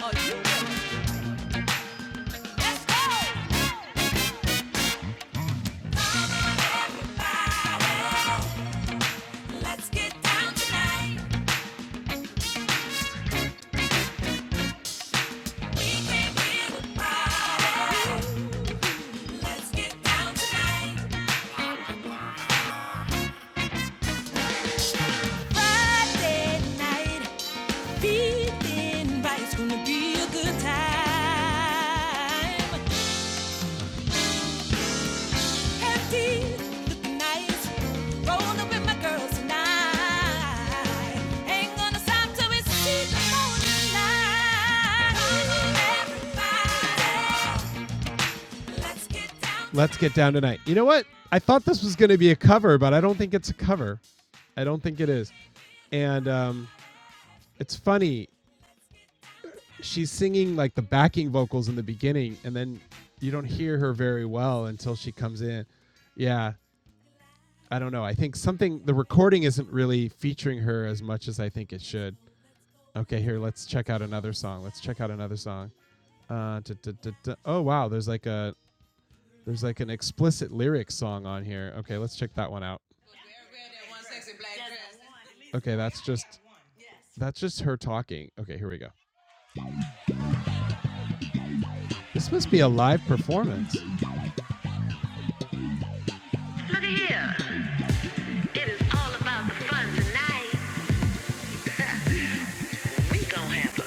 Oh, you know it. Let's go. Everybody, let's get down tonight. We're the party. Let's get down tonight. Friday night, feeling right. It's gonna be a good time. Have tea, looking nice. Rolling up with my girls tonight. Ain't gonna stop till it's cheap morning light. Everybody. Let's get down. Look at here. It is all about the fun tonight. We gon' have fun.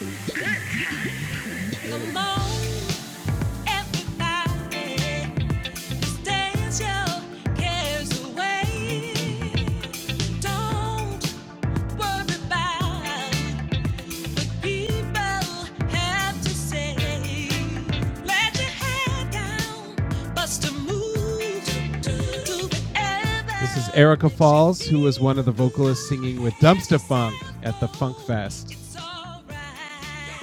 Come on, everybody. dance your cares away. Don't worry about what people have to say. Let your head down. Bust a move do whatever It's alright.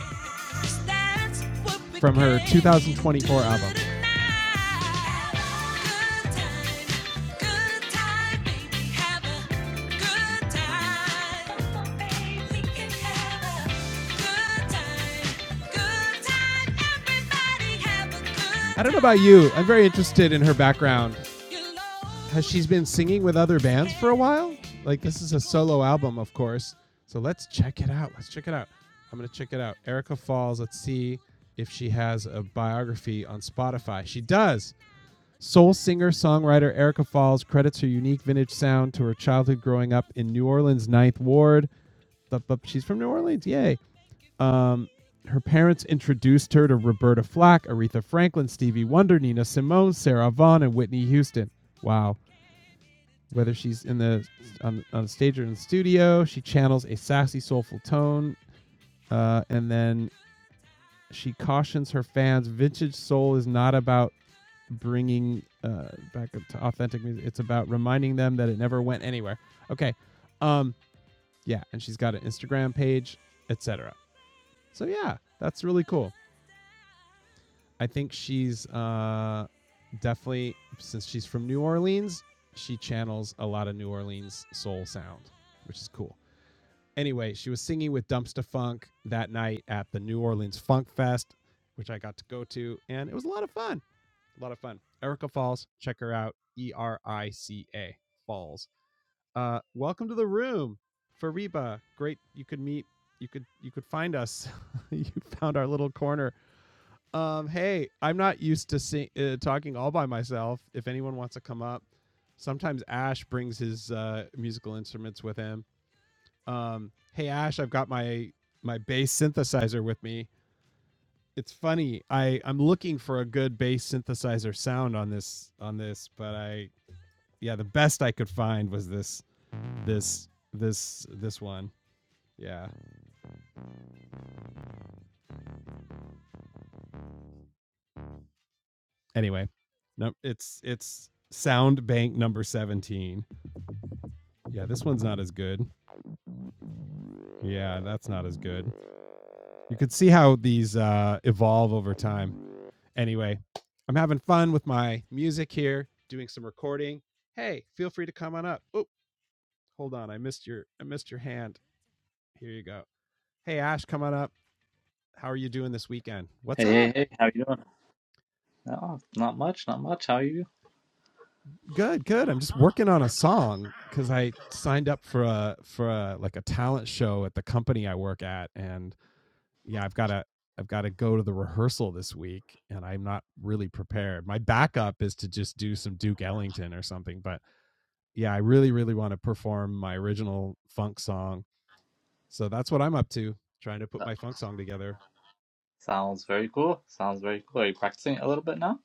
That's what we tonight. Good time, good time, baby. Have a good time, baby. We can have a good time, good time. Everybody have a Hey, hey, hey, how you doing? Oh, not much, not much. How are you? Uh, Sounds very cool. Sounds very cool. Are you practicing a little bit now?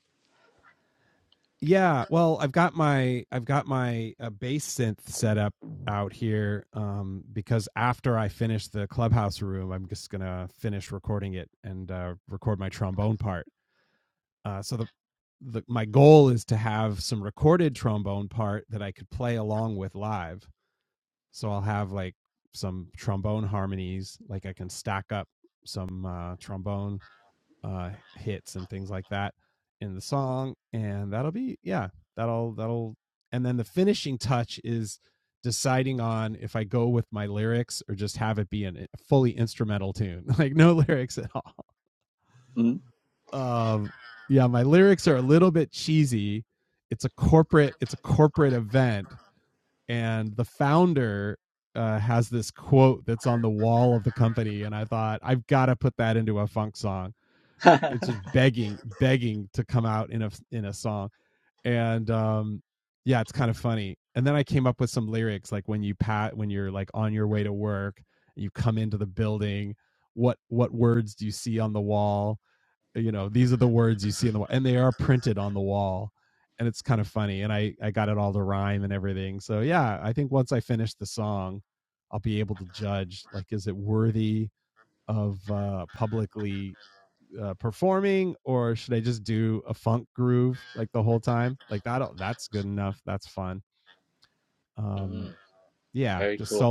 Mm. Mm, very cool.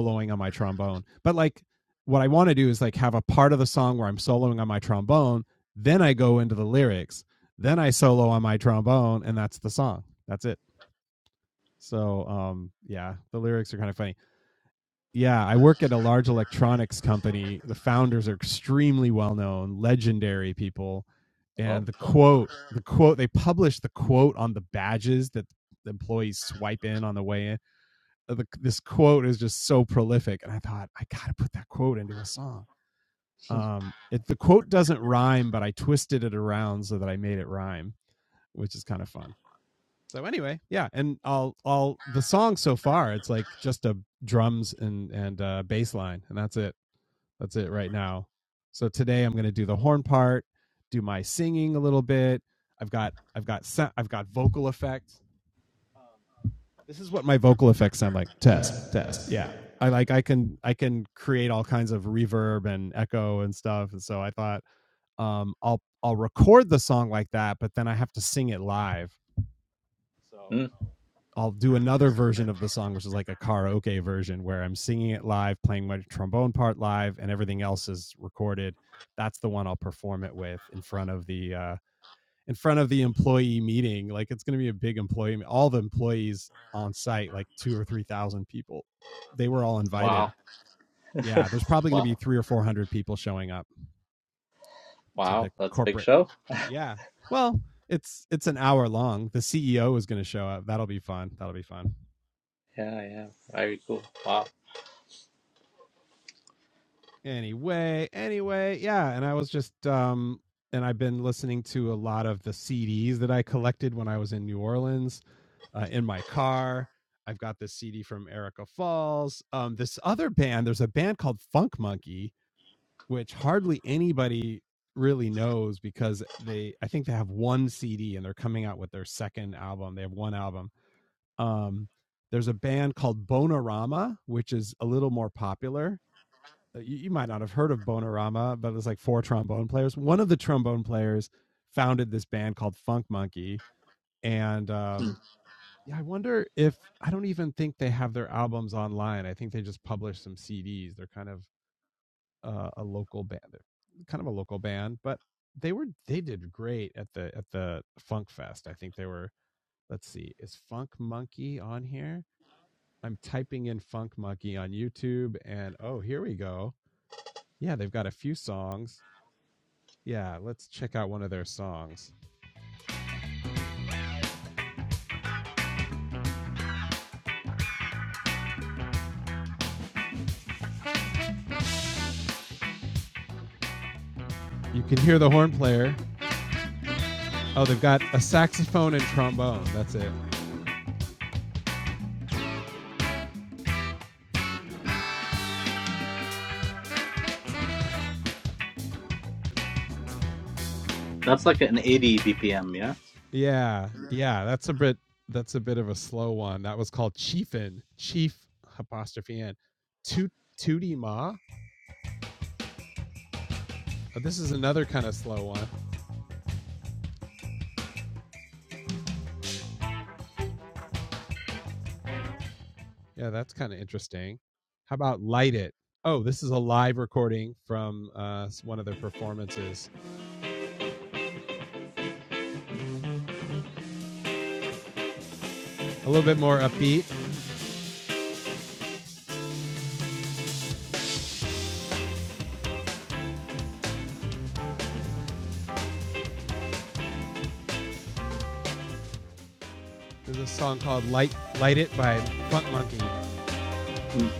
Oh, cool. Mm, wow, wow, wow. That's a big show. Yeah, yeah. Very cool. Wow. Mm. That's like an 80 BPM, yeah? Mm.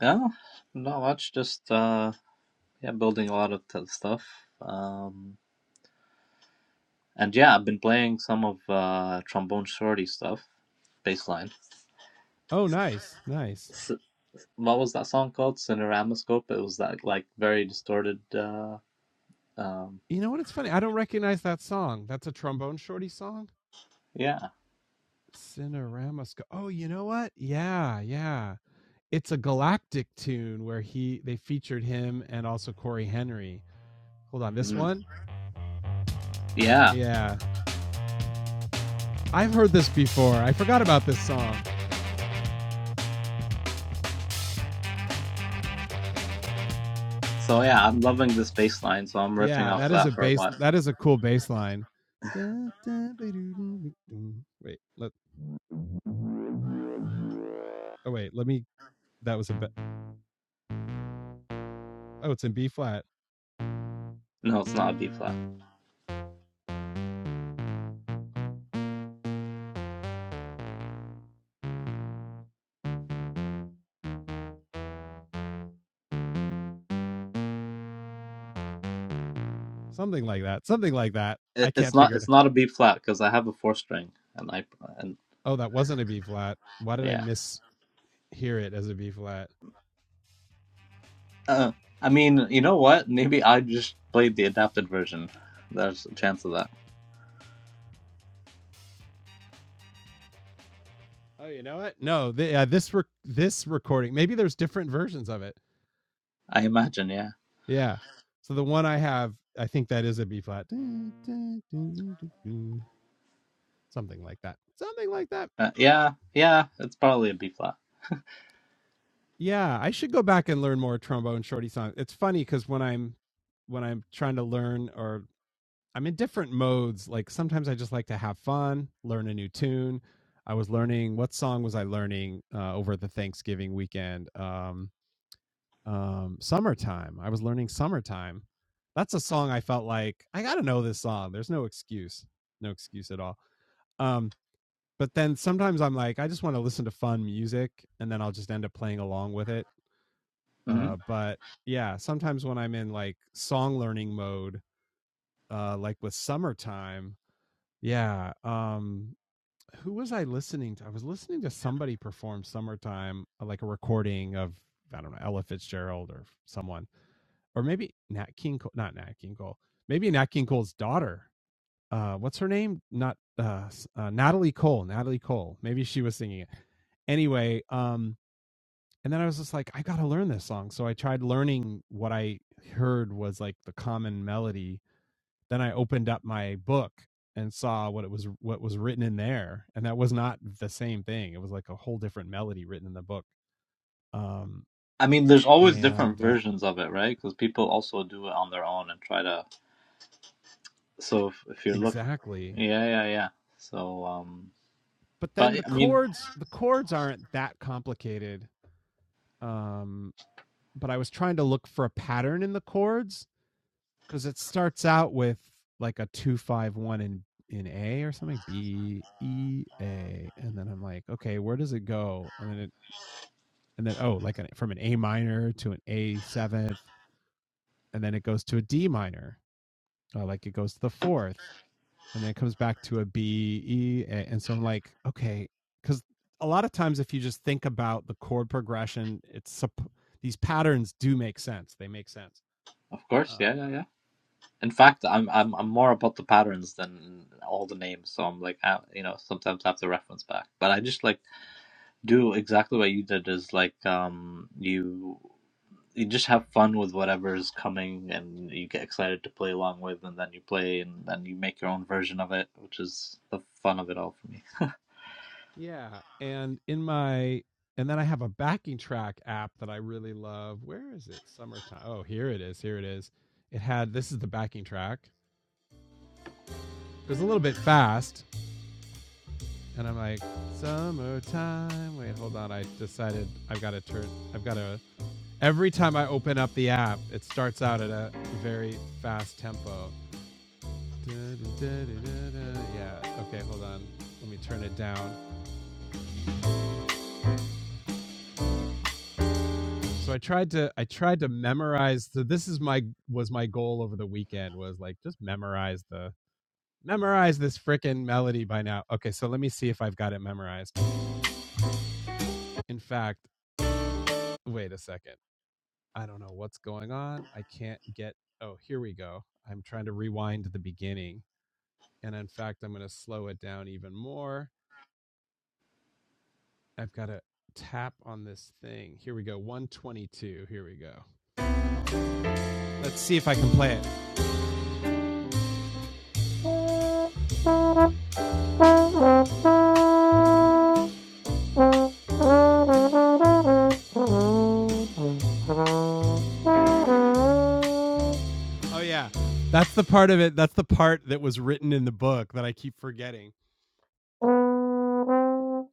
Yeah, not much. Just, uh, yeah, building a lot of t stuff. Um, and yeah, I've been playing some of uh, Trombone Shorty stuff, bass line. what was that song called? Cineramoscope. It was that like very distorted. Uh, um, yeah, mm. yeah. So yeah, I'm loving this bass line. So I'm riffing off that for a while. No, it's not a B flat. It, it's not. It's not a B flat because I have a four string, and I and yeah. Uh, I mean, you know what? Maybe I just played the adapted version. There's a chance of that. I imagine. Yeah. Uh, yeah. Yeah. It's probably a B flat. hmm I mean, there's always different versions of it, right? Because people also do it on their own and try to. So if, if you look, yeah, yeah, yeah. So, um, but I mean, of course, yeah, yeah, yeah. In fact, I'm I'm I'm more about the patterns than all the names. So I'm like, I, you know, sometimes I have to reference back. But I just like do exactly what you did is like, um, you you just have fun with whatever is coming, and you get excited to play along with, and then you play, and then you make your own version of it, which is the fun of it all for me. good. You know.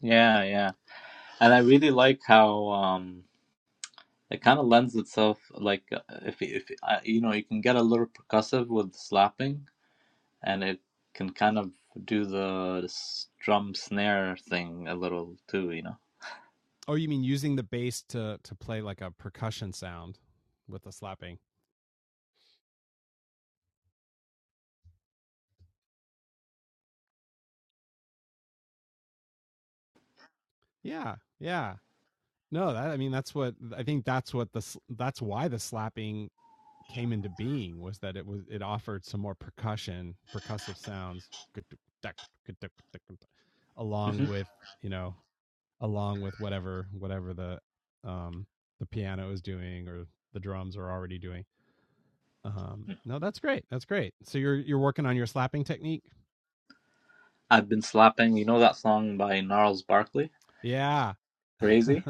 Yeah, yeah. And I really like how um it kind of lends itself like uh, if if uh, you know, you can get a little percussive with slapping and it can kind of do the s- drum snare thing a little too, you know. hmm I've been slapping, you know that song by Gnarls Barkley, Crazy?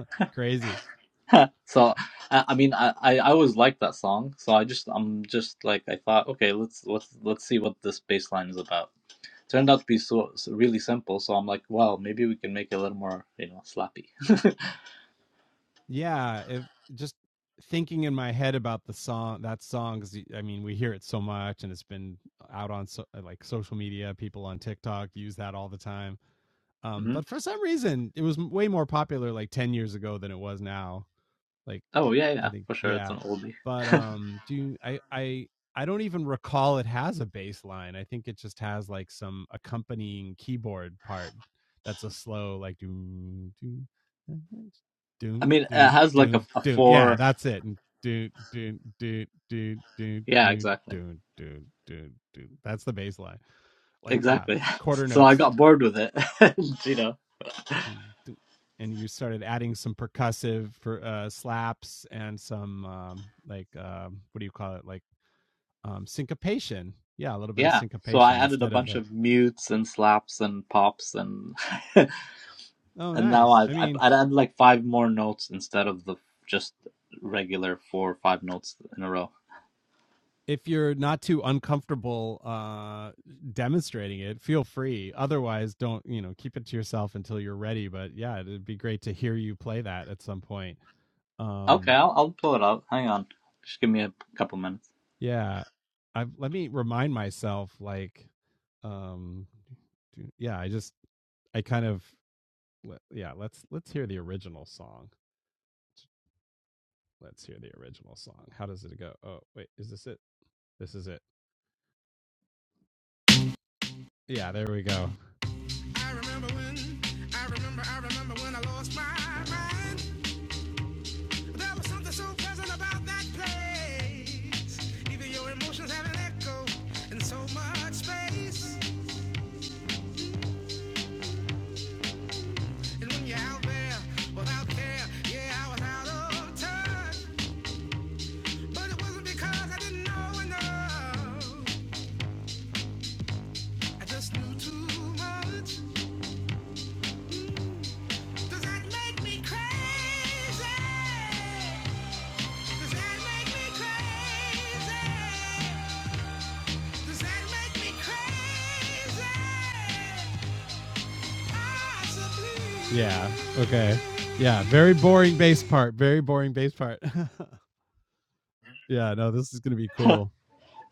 So I, I mean I, I I always liked that song, so I just I'm just like I thought, okay, let's let's let's see what this bass line is about. turned out to be so, so really simple. So I'm like, wow, maybe we can make it a little more, you know, slappy. hmm Oh yeah, yeah, for sure, it's an oldie. I mean, it has like a, a four. Yeah, exactly, exactly. So I got bored with it, and, you know. Yeah, so I added a bunch of mutes and slaps and pops and and now I've I I added like five more notes instead of the just regular four or five notes in a row. Okay, I'll I'll pull it out. Hang on, just give me a couple minutes.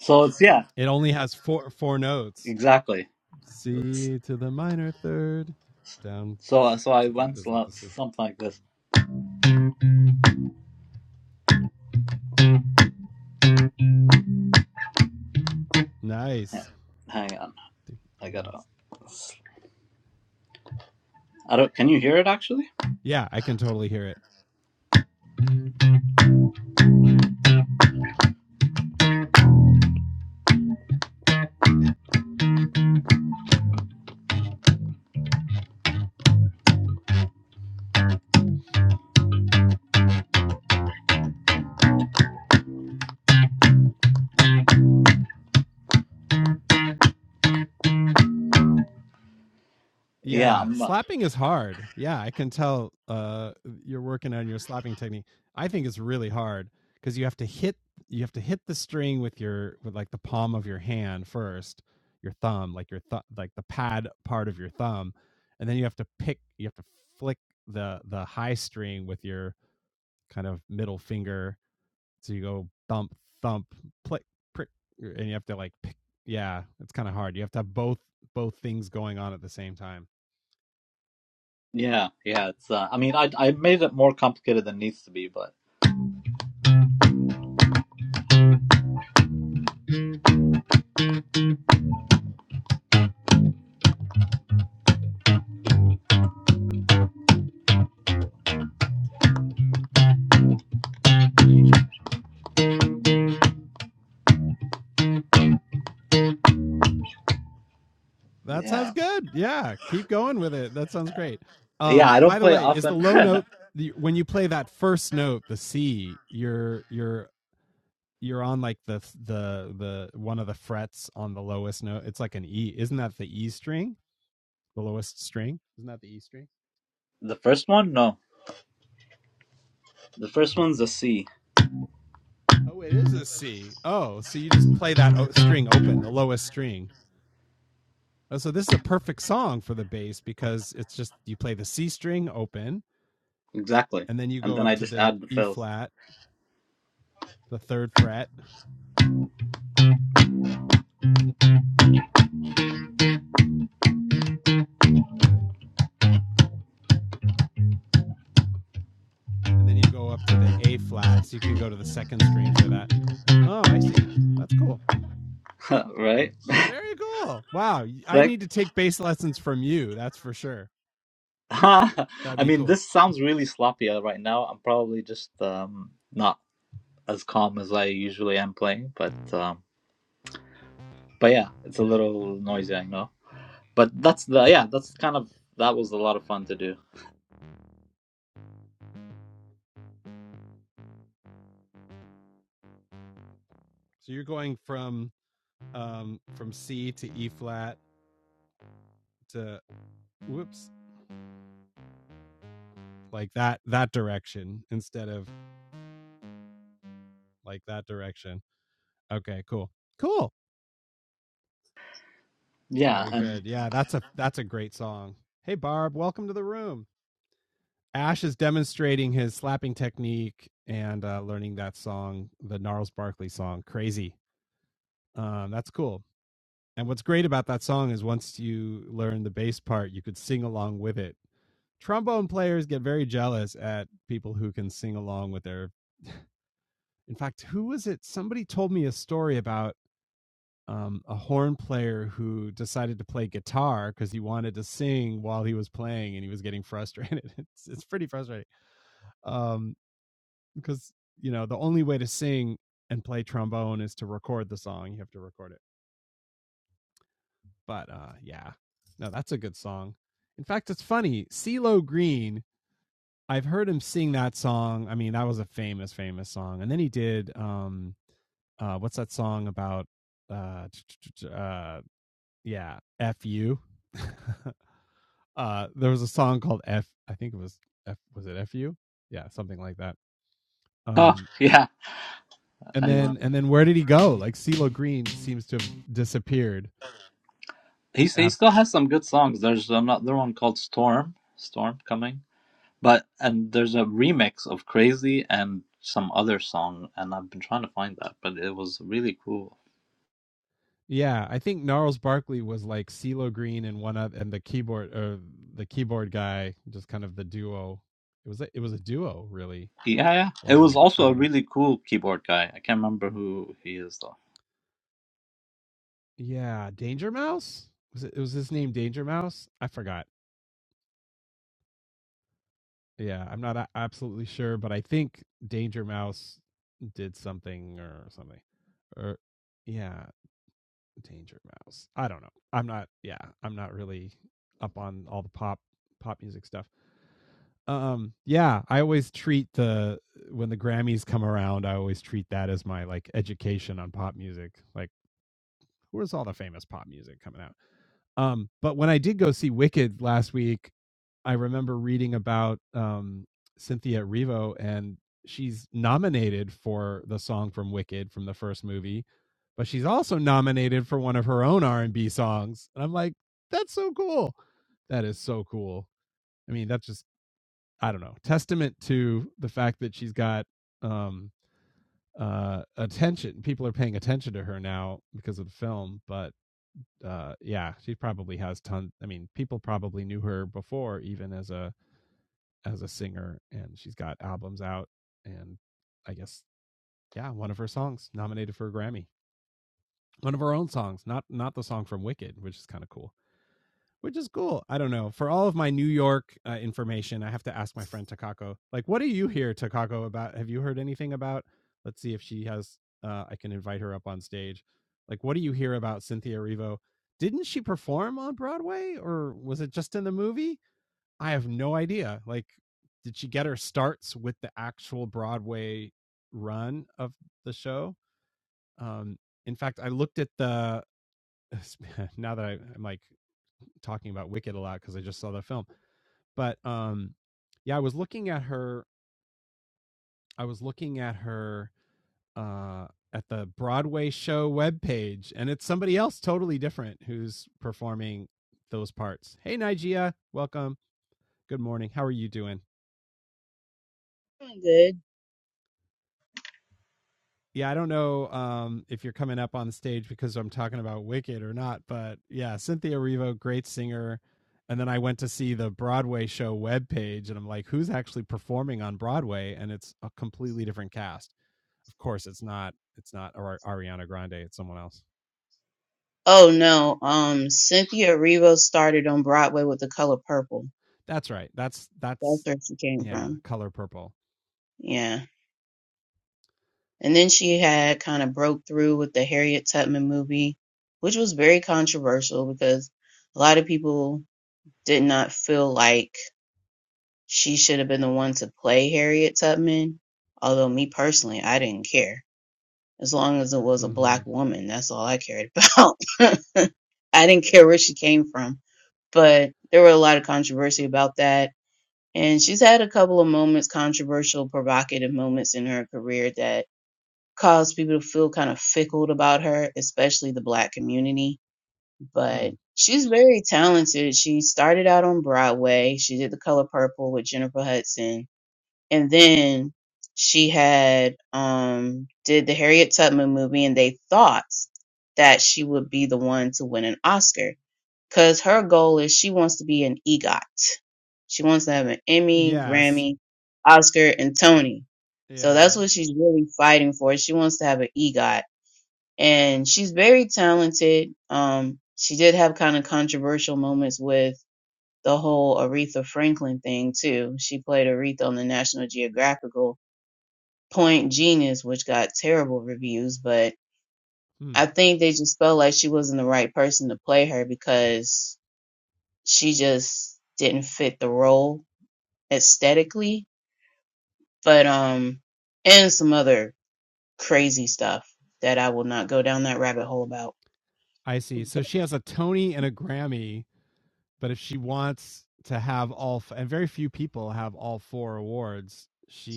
So it's yeah. Exactly. So, so I once learnt something like this. Hang on, I gotta. I don't. Can you hear it actually? Yeah, I'm, uh, yeah, yeah. It's. Uh, I mean, I I made it more complicated than it needs to be, but yeah, yeah. I don't play often. the first one, no. The first one's a C, exactly, and then I just add the fills, right? Like, I mean, this sounds really sloppy uh, right now. I'm probably just um not as calm as I usually am playing, but um, but yeah, it's a little noisy, I know. But that's the yeah, that's kind of that was a lot of fun to do. Yeah, and oh yeah, I remember. He he still has some good songs. There's another one called Storm, Storm coming, but and there's a remix of Crazy and some other song, and I've been trying to find that, but it was really cool. Yeah, yeah. It was also a really cool keyboard guy. I can't remember who he is though. Doing good. Oh no, um, Cynthia Erivo started on Broadway with The Color Purple. That's where she came from. Yeah, and then she had kind of broke through with the Harriet Tubman movie, which was very controversial because a lot of people did not feel like she should have been the one to play Harriet Tubman. Although me personally, I didn't care. As long as it was a black woman, that's all I cared about. I didn't care where she came from. but there were a lot of controversy about that. And she's had a couple of moments, controversial, provocative moments in her career that caused people to feel kind of fickle about her, especially the black community. But she's very talented. She started out on Broadway. She did The Color Purple with Jennifer Hudson. And then she had um did the Harriet Tubman movie and they thought that she would be the one to win an Oscar because her goal is she wants to be an EGOT. She wants to have an Emmy, Grammy, Oscar, and Tony. So that's what she's really fighting for. She wants to have an EGOT, and she's very talented. Um, she did have kind of controversial moments with the whole Aretha Franklin thing too. She played Aretha on the National Geographical Point Genius, which got terrible reviews, but I think they just felt like she wasn't the right person to play her because she just didn't fit the role aesthetically. But um and some other crazy stuff that I will not go down that rabbit hole about. But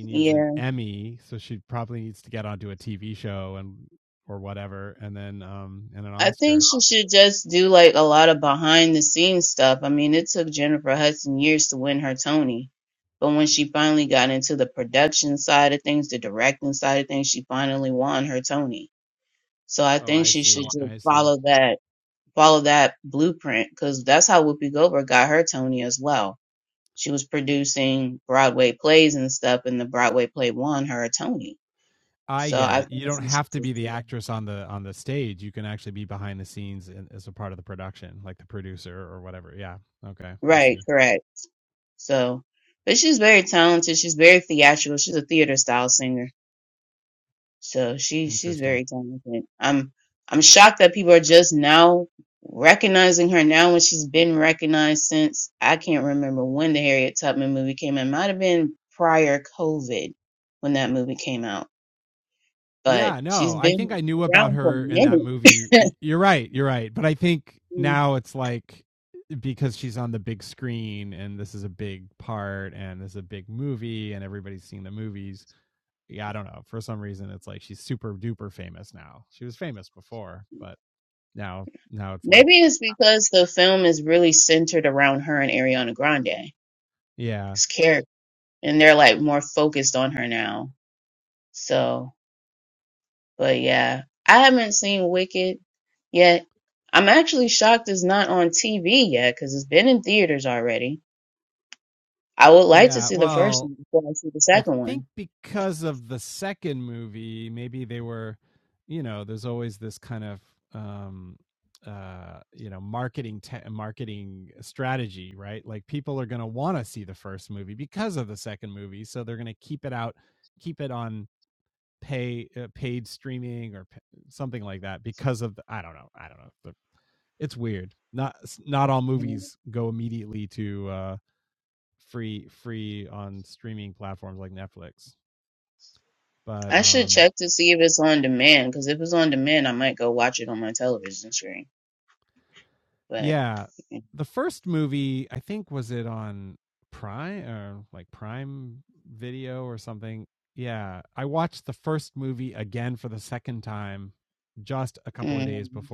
yeah, I think she should just do like a lot of behind the scenes stuff. I mean, it took Jennifer Hudson years to win her Tony. But when she finally got into the production side of things, the directing side of things, she finally won her Tony. So I think she should just follow that follow that blueprint because that's how Whoopi Goldberg got her Tony as well. She was producing Broadway plays and stuff, and the Broadway play won her a Tony. So I think she should just do that. Right, correct. So, but she's very talented. She's very theatrical. She's a theater style singer. So she she's very talented. I'm I'm shocked that people are just now recognizing her now when she's been recognized since I can't remember when the Harriet Tubman movie came out. It might have been prior COVID when that movie came out. But she's been around for a minute. Mm. Maybe it's because the film is really centered around her and Ariana Grande's character. And they're like more focused on her now. So But yeah, I haven't seen Wicked yet. I'm actually shocked it's not on TV yet because it's been in theaters already. I would like to see the first one before I see the second one. Mhm. I should check to see if it's on demand because if it's on demand, I might go watch it on my television screen. But mm,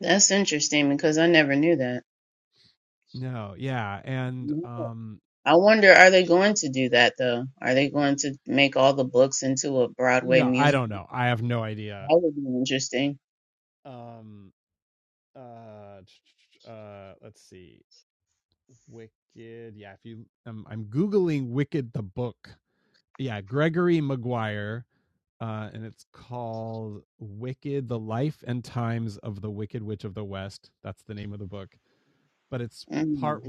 that's interesting because I never knew that. I wonder, are they going to do that though? Are they going to make all the books into a Broadway musical? That would be interesting. Mm,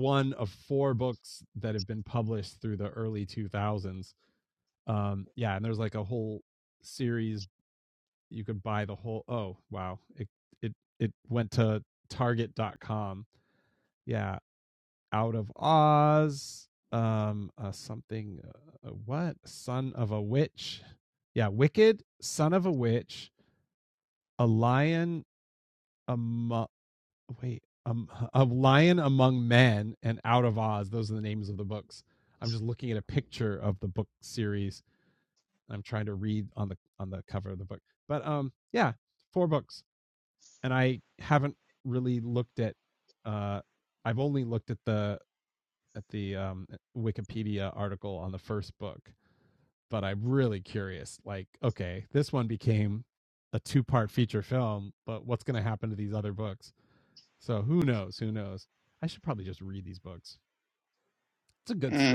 mm.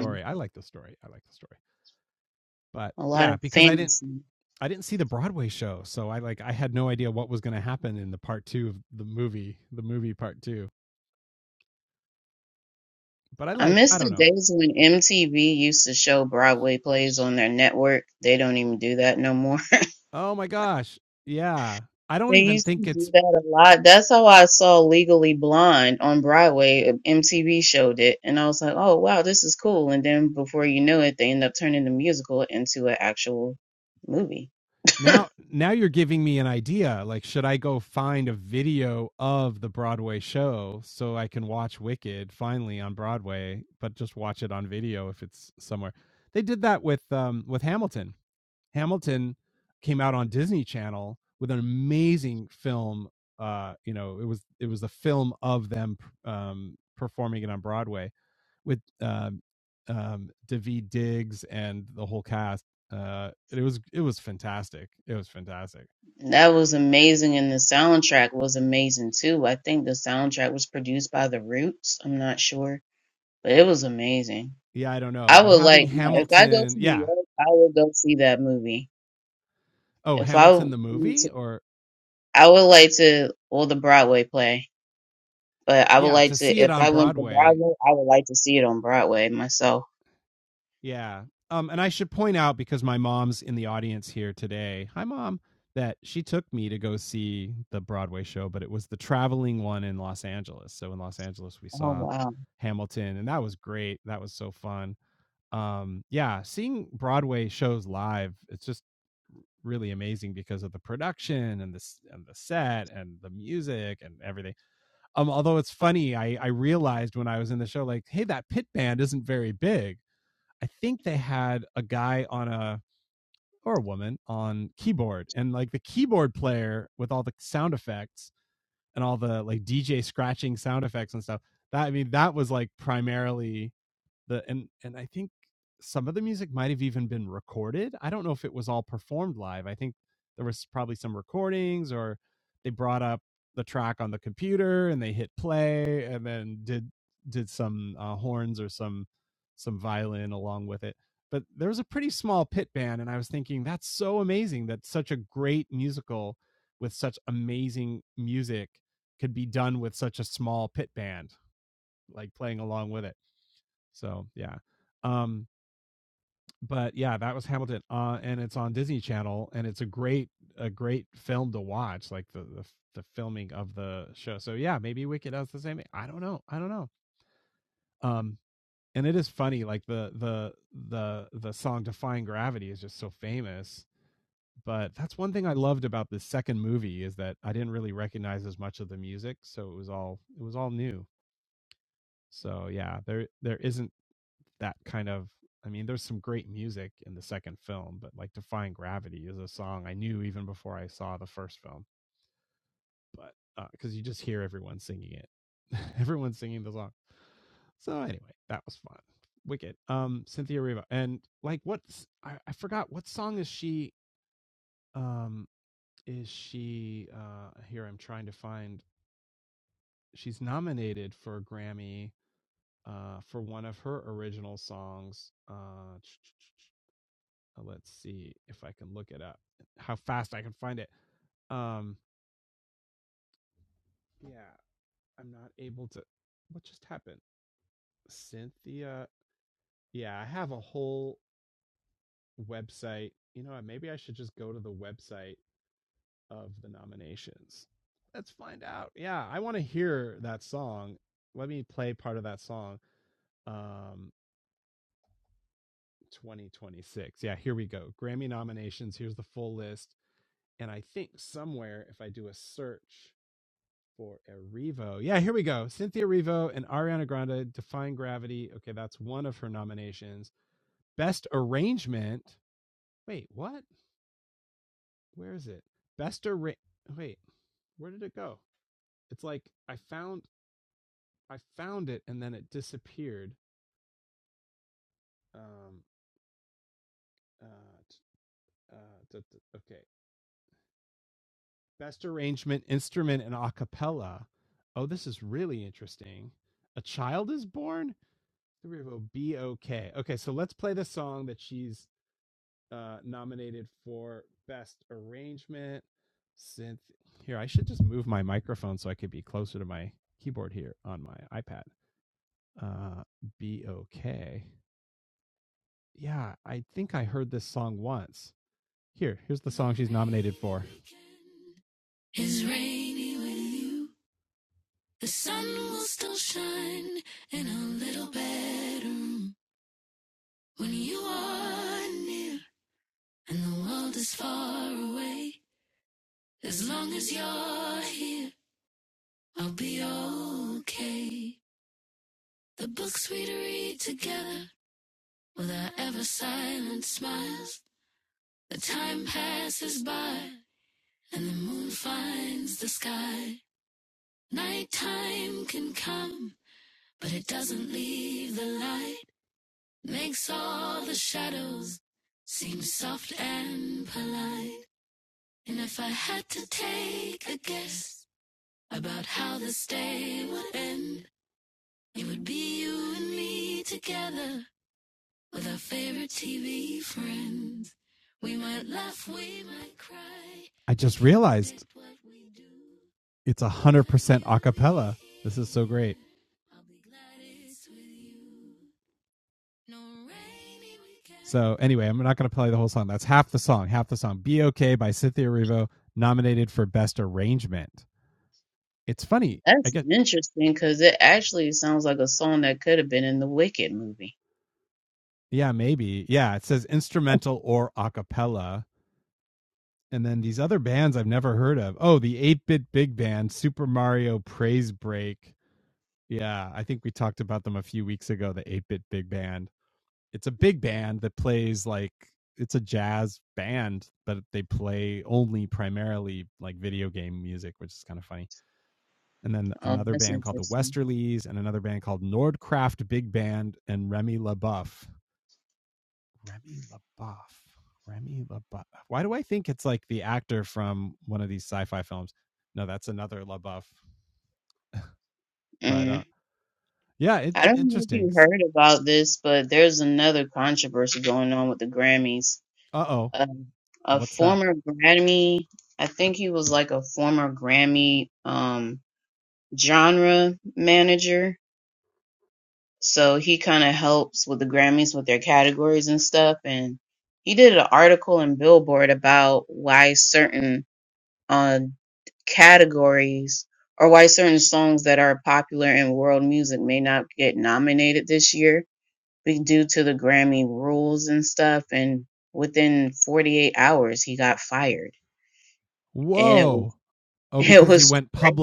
A lot of fantasy. I miss the days when MTV used to show Broadway plays on their network. They don't even do that no more. They used to do that a lot. That's how I saw Legally Blonde on Broadway. MTV showed it, and I was like, "Oh wow, this is cool." And then before you know it, they end up turning the musical into an actual movie. And That was amazing, and the soundtrack was amazing too. I think the soundtrack was produced by The Roots. I'm not sure, but it was amazing. I would like no, if I go to New York, I would go see that movie. If I wanted to, I would like to, well, the Broadway play, but I would like to, if I went to Broadway, I would like to see it on Broadway myself. Oh, wow. Is rainy with you. The sun will still shine in our little bedroom when you are near and the world is far away. As long as you're here, I'll be okay. The books we'd read together with our ever silent smiles. The time passes by and the moon finds the sky. Nighttime can come, but it doesn't leave the light. makes all the shadows seem soft and polite. And if I had to take a guess about how this day would end, it would be you and me together with our favorite TV friends. We might laugh, we might cry, what we do, I'll be glad it's with you. No rainy weekend. That's interesting because it actually sounds like a song that could have been in the Wicked movie. Oh, that's interesting. Mm. I don't know if you heard about this, but there's another controversy going on with the Grammys. a, a former Grammy. I think he was like a former Grammy um, genre manager. So he kind of helps with the Grammys with their categories and stuff. And he did an article in Billboard about why certain uh, categories or why certain songs that are popular in world music may not get nominated this year be due to the Grammy rules and stuff. And within 48 hours, he got fired and it was it was great.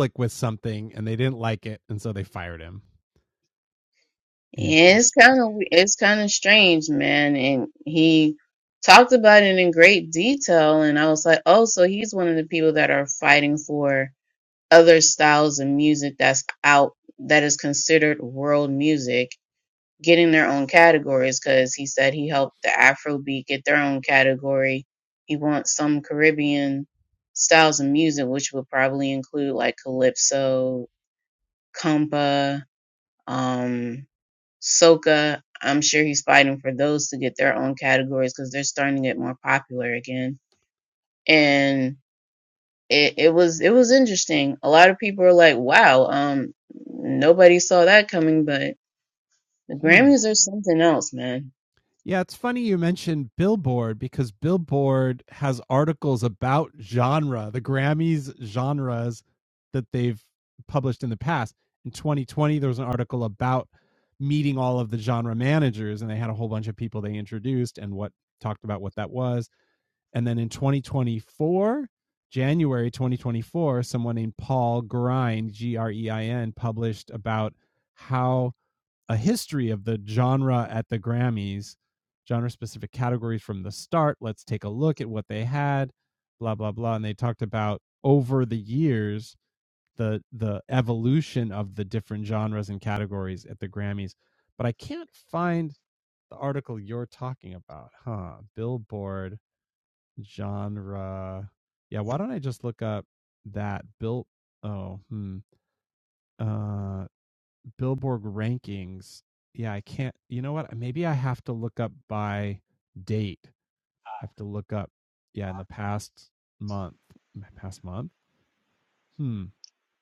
Yeah, it's kind of it's kind of strange, man. And he talked about it in great detail, and I was like, oh, so he's one of the people that are fighting for other styles of music that's out that is considered world music, getting their own categories. Because he said he helped the Afrobeat get their own category. He wants some Caribbean styles of music, which would probably include like calypso, compa. Um, Soka, I'm sure he's fighting for those to get their own categories because they're starting to get more popular again. And it, it was it was interesting. A lot of people are like, "Wow, um, nobody saw that coming." But the Grammys are something else, man.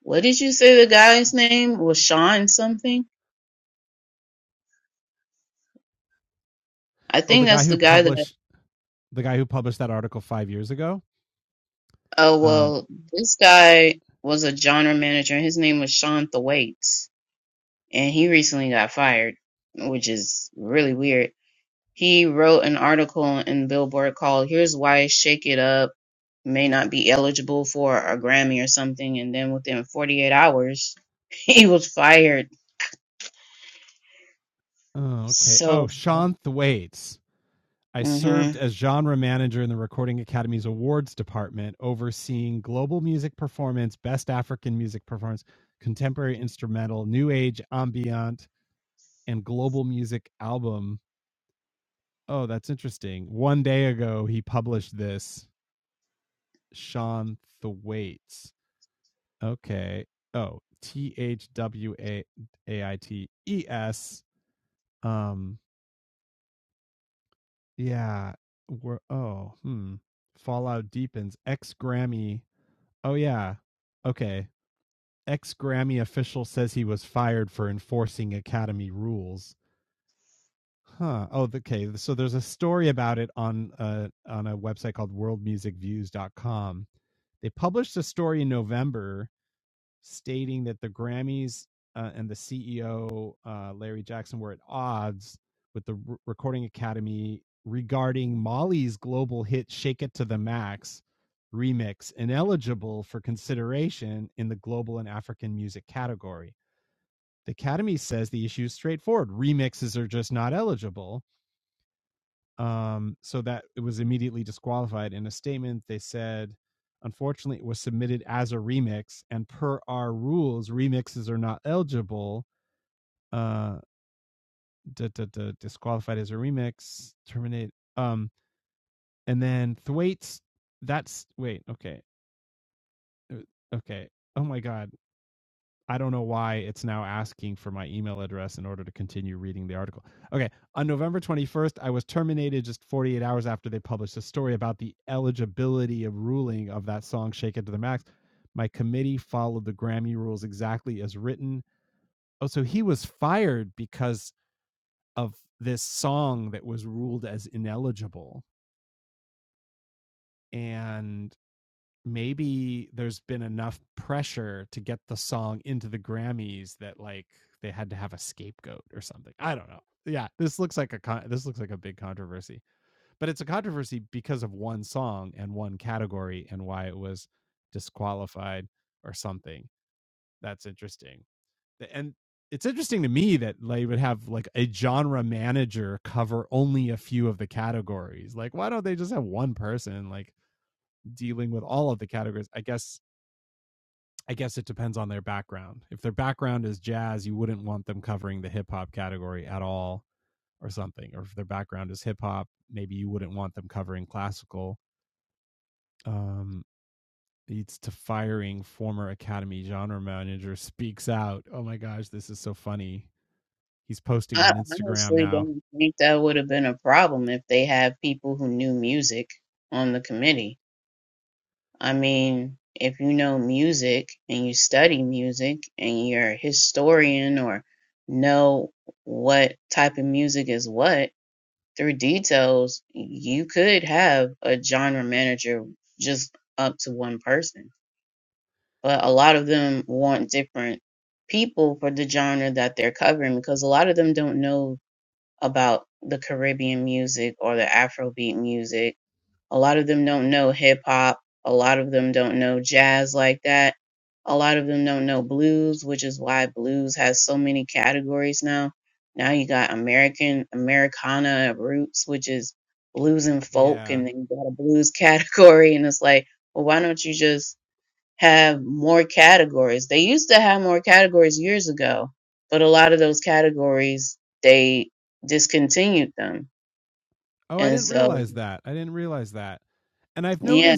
What did you say the guy's name was? Sean something? I think that's the guy that. Oh well, this guy was a genre manager, and his name was Sean Thwaites, and he recently got fired, which is really weird He wrote an article in Billboard called "Here's Why Shake It Up May Not Be Eligible for a Grammy or something," and then within 48 hours, he was fired. So, hmm I honestly don't think that would have been a problem if they had people who knew music on the committee. I mean, if you know music and you study music and you're a historian or know what type of music is what, through details, you could have a genre manager just up to one person. But a lot of them want different people for the genre that they're covering because a lot of them don't know about the Caribbean music or the Afrobeat music a lot of them don't know hip hop. A lot of them don't know jazz like that. A lot of them don't know blues, which is why blues has so many categories now. Now you got American, Americana roots, which is blues and folk, and then you got a blues category. And it's like, well, why don't you just have more categories? They used to have more categories years ago, but a lot of those categories, they discontinued them. And so, yeah.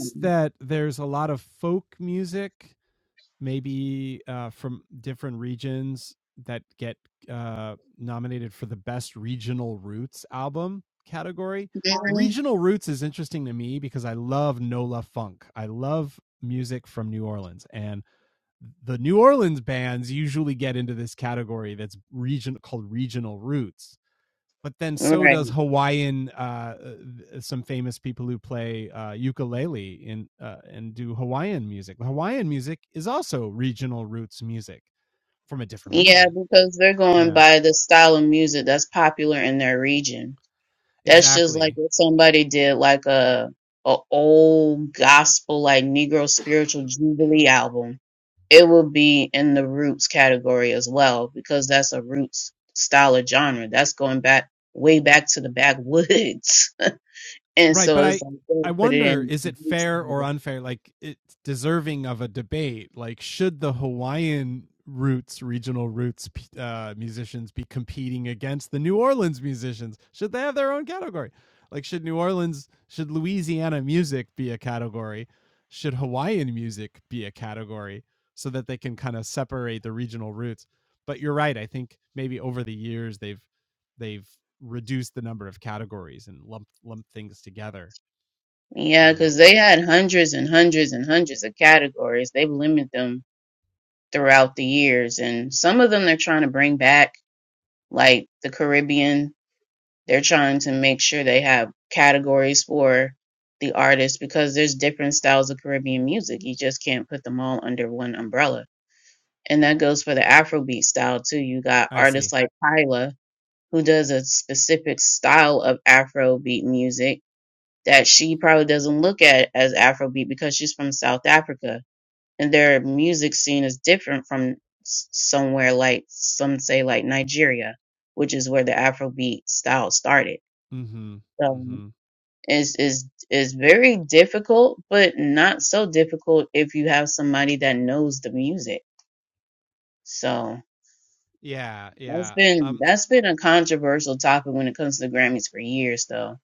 Mhm. Right. Yeah, because they're going by the style of music that's popular in their region. That's just like if somebody did like a a old gospel like Negro spiritual jubilee album, it would be in the roots category as well because that's a roots style of genre. That's going back way back to the backwoods, and so it's like they would put it in the roots category. Yeah, because they had hundreds and hundreds and hundreds of categories. They've limited them throughout the years. And some of them they're trying to bring back, like the Caribbean. They're trying to make sure they have categories for the artists because there's different styles of Caribbean music. You just can't put them all under one umbrella. And that goes for the Afrobeat style too. You got artists like Kyla, who does a specific style of Afrobeat music that she probably doesn't look at as Afrobeat because she's from South Africa and their music scene is different from s- somewhere like some say like Nigeria, which is where the Afrobeat style started. So is is is very difficult, but not so difficult if you have somebody that knows the music. So that's been that's been a controversial topic when it comes to the Grammys for years, though.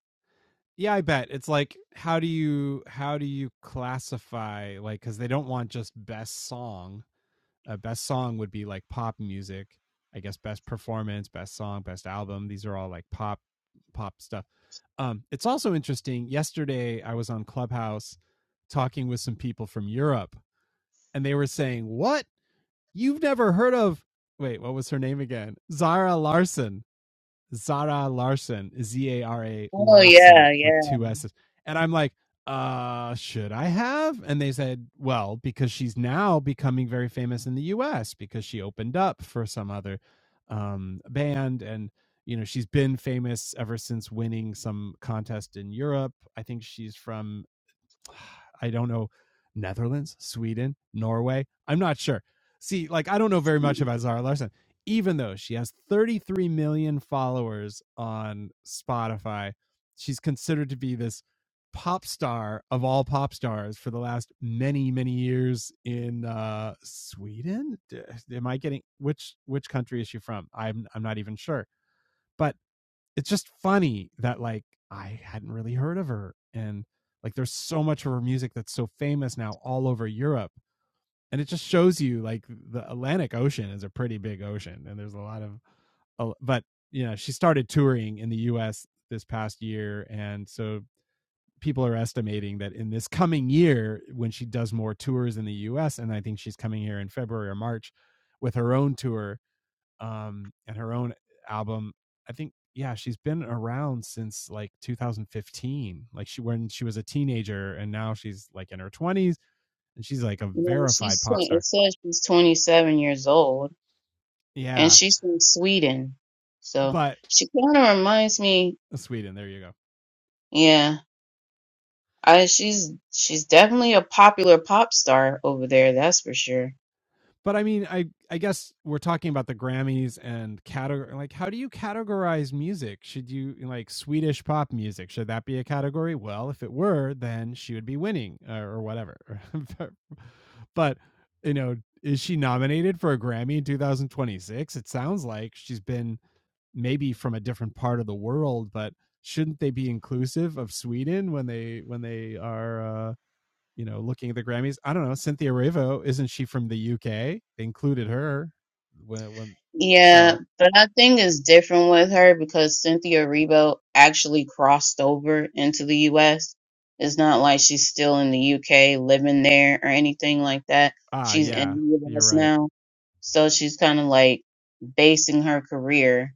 Oh yeah, yeah. You know, she's twen- it says she's 27 years old. and she's from Sweden. So she kind of reminds me, yeah, I she's she's definitely a popular pop star over there, that's for sure. Yeah, but I think it's different with her because Cynthia Erivo actually crossed over into the US. It's not like she's still in the UK living there or anything like that. She's in the US now. So she's kind of like basing her career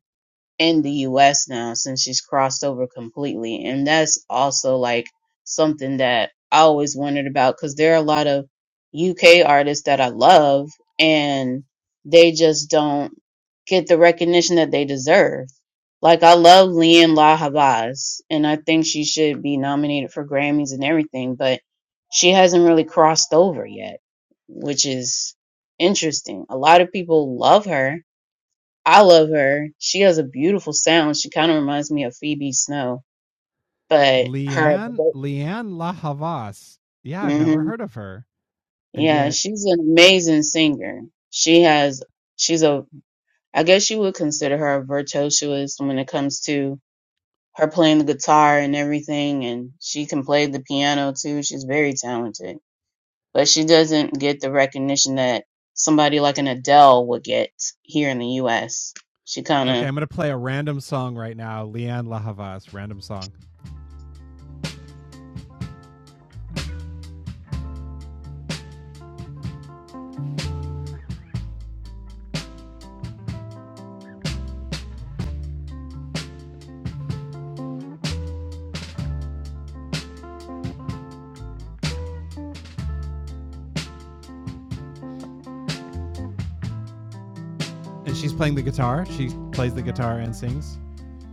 in the US now since she's crossed over completely. And that's also like something that I always wondered about because there are a lot of UK artists that I love and they just don't get the recognition that they deserve. Like I love Leanne La Havas and I think she should be nominated for Grammys and everything, but she hasn't really crossed over yet, which is interesting. A lot of people love her I love her. She has a beautiful sound. She kind of reminds me of Phoebe Snow, but her, hmm yeah, she's an amazing singer. She has, she's a, I guess you would consider her a virtuoso when it comes to her playing the guitar and everything. And she can play the piano too. She's very talented, but she doesn't get the recognition that somebody like an Adele would get here in the U.S. She kind of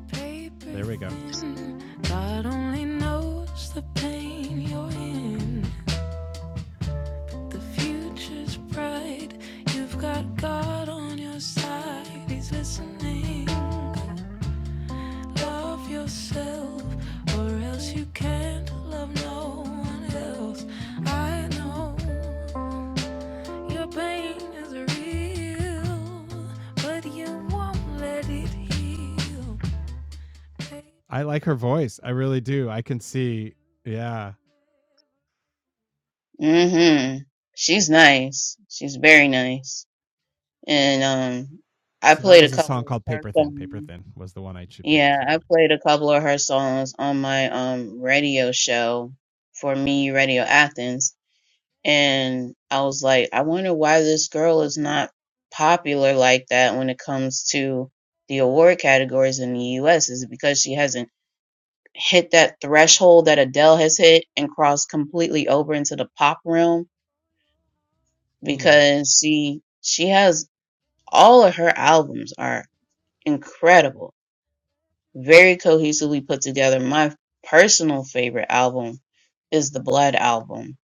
Paper God only knows the pain you're in. The future's bright. You've got God on your side. He's listening. Love yourself, or else you can't love no one else. I know your pain is real, but you won't let it heal. hmm She's nice. She's very nice. And um I played a couple of her songs. Yeah, I played a couple of her songs on my um radio show for me Radio Athens and I was like, I wonder why this girl is not popular like that when it comes to the award categories in the US. Is it because she hasn't hit that threshold that Adele has hit and crossed completely over into the pop realm? because she she has all of her albums are incredible, very cohesively put together. My personal favorite album is the Blood album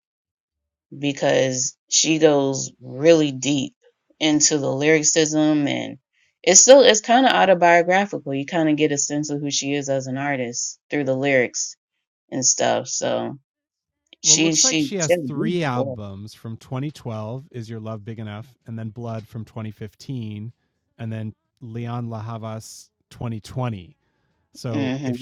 because she goes really deep into the lyricism and it's still it's kind of autobiographical. You kind of get a sense of who she is as an artist through the lyrics and stuff. So she she she has a beautiful voice. Mm-hmm.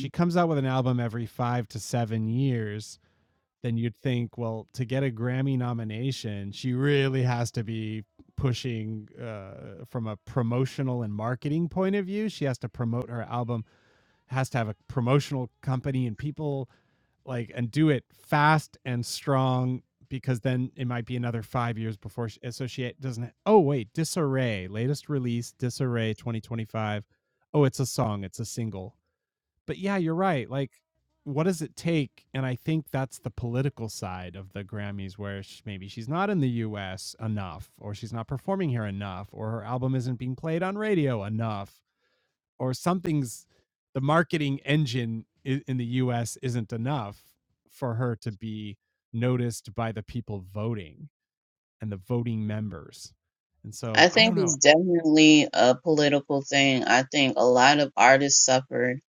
I think it's definitely a political thing. I think a lot of artists suffered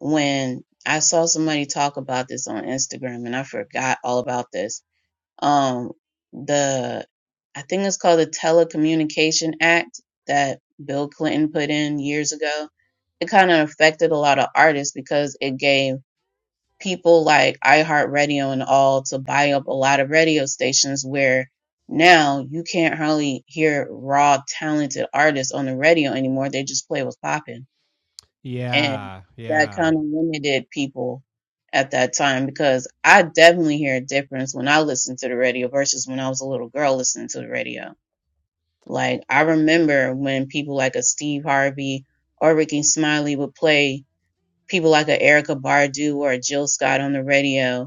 when I saw somebody talk about this on Instagram and I forgot all about this. Um, the I think it's called the Telecommunication Act that Bill Clinton put in years ago. It kind of affected a lot of artists because it gave people like iHeartRadio and all to buy up a lot of radio stations where now you can't hardly hear raw talented artists on the radio anymore. They just play what's popping. And that kind of limited people at that time because I definitely hear a difference when I listen to the radio versus when I was a little girl listening to the radio. Like I remember when people like a Steve Harvey or Ricky Smiley would play people like a Erica Bardu or a Jill Scott on the radio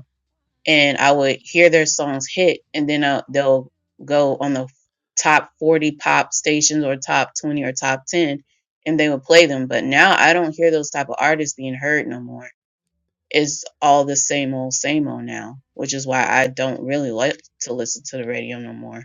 and I would hear their songs hit, and then uh, they'll go on the top 40 pop stations or top 20 or top 10, and they would play them. But now I don't hear those type of artists being heard no more. It's all the same old, same old now, which is why I don't really like to listen to the radio no more.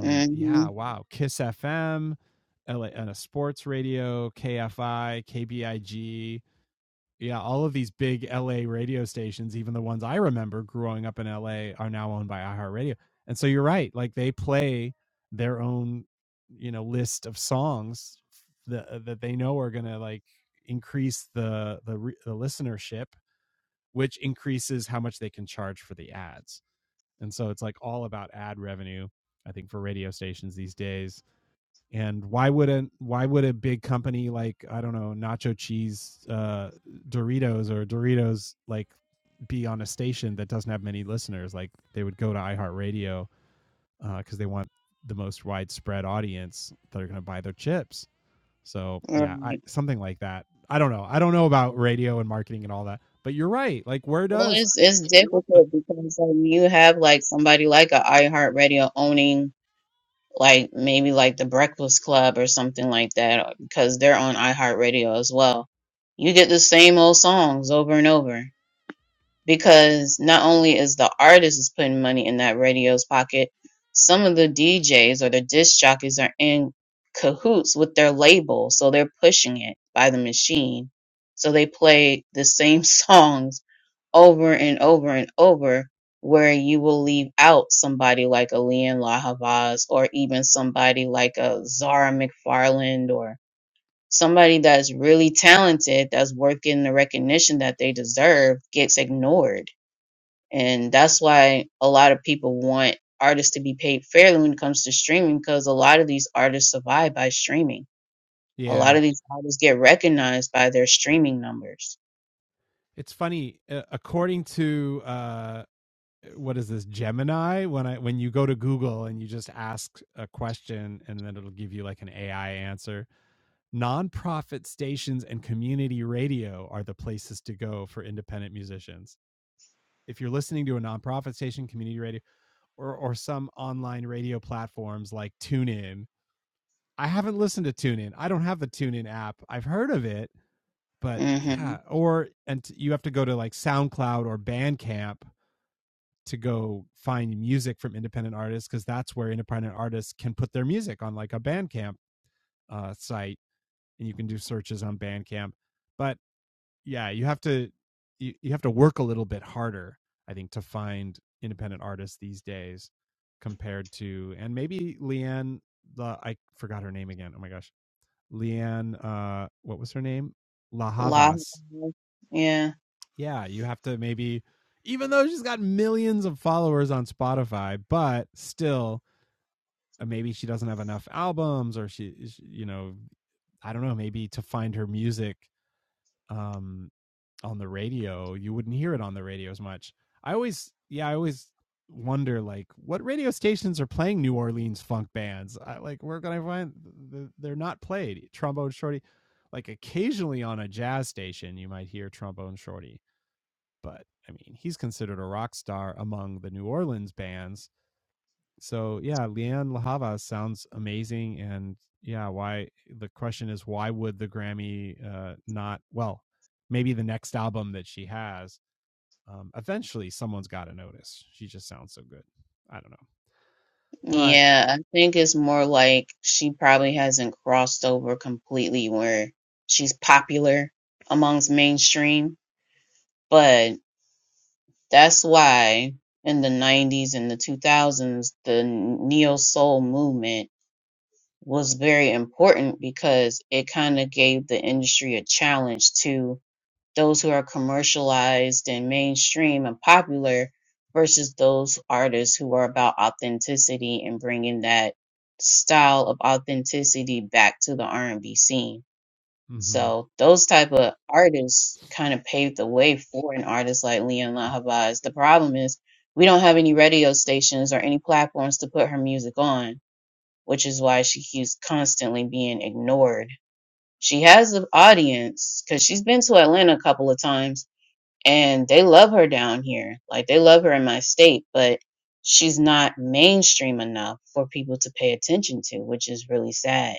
Mm-hmm. Right. Well, it's it's difficult because um, you have like somebody like a iHeartRadio owning like maybe like the Breakfast Club or something like that because they're on iHeartRadio as well. You get the same old songs over and over because not only is the artist is putting money in that radio's pocket, some of the DJs or the disc jockeys are in cahoots with their label, so they're pushing it by the machine. So they play the same songs over and over and over where you will leave out somebody like a Leon LaHavas or even somebody like a Zara McFarland or somebody that's really talented that's worth getting the recognition that they deserve gets ignored. And that's why a lot of people want artists to be paid fairly when it comes to streaming because a lot of these artists survive by streaming. A lot of these artists get recognized by their streaming numbers. Mm-hmm. La, yeah. Yeah, I think it's more like she probably hasn't crossed over completely where she's popular amongst mainstream. But that's why in the 90s and the 2000s, the neo soul movement was very important because it kind of gave the industry a challenge to those who are commercialized and mainstream and popular versus those artists who are about authenticity and bringing that style of authenticity back to the R&B scene. So those type of artists kind of paved the way for an artist like Leon LaHavas. The problem is we don't have any radio stations or any platforms to put her music on, which is why she keeps constantly being ignored. She has an audience because she's been to Atlanta a couple of times and they love her down here. Like they love her in my state, but she's not mainstream enough for people to pay attention to, which is really sad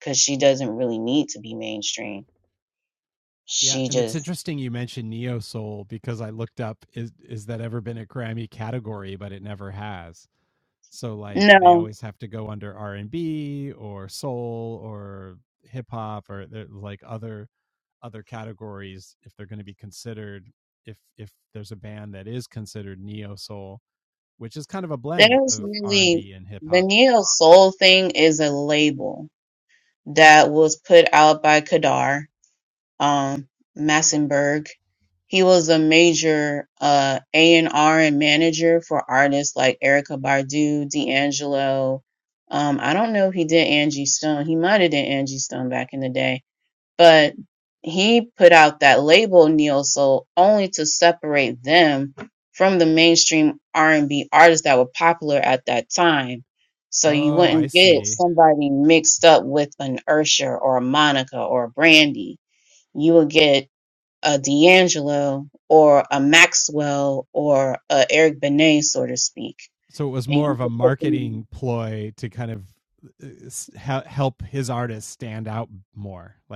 because she doesn't really need to be mainstream. She just no. There's really the neo soul thing is a label that was put out by Kadar um, Massenburg. He was a major uh, A&R and R and manager for artists like Erica Badu, D'Angelo. Um, I don't know if he did Angie Stone. He might have did Angie Stone back in the day, but he put out that label neo soul only to separate them from the mainstream R&B artists that were popular at that time. So you wouldn't get somebody mixed up with an Usher or a Monica or a Brandy you will get a D'Angelo or a Maxwell or a Eric Benet, so to speak. And you could put them in.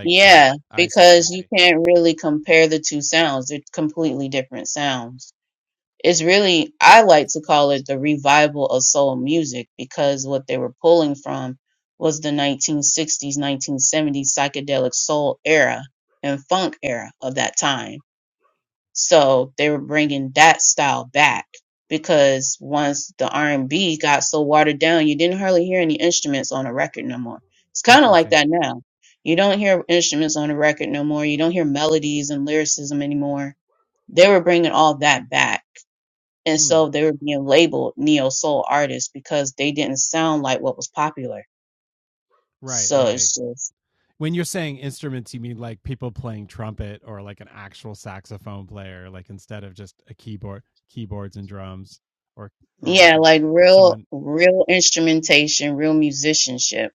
Yeah, because you can't really compare the two sounds. They're completely different sounds. It's really, I like to call it the revival of soul music because what they were pulling from was the 1960s, 1970s psychedelic soul era and funk era of that time So they were bringing that style back because once the R&B got so watered down, you didn't hardly hear any instruments on a record no more. It's kind of like that now. You don't hear instruments on a record no more. You don't hear melodies and lyricism anymore. They were bringing all that back. And so they were being labeled neo soul artists because they didn't sound like what was popular. So it's just, yeah, like real, real instrumentation, real musicianship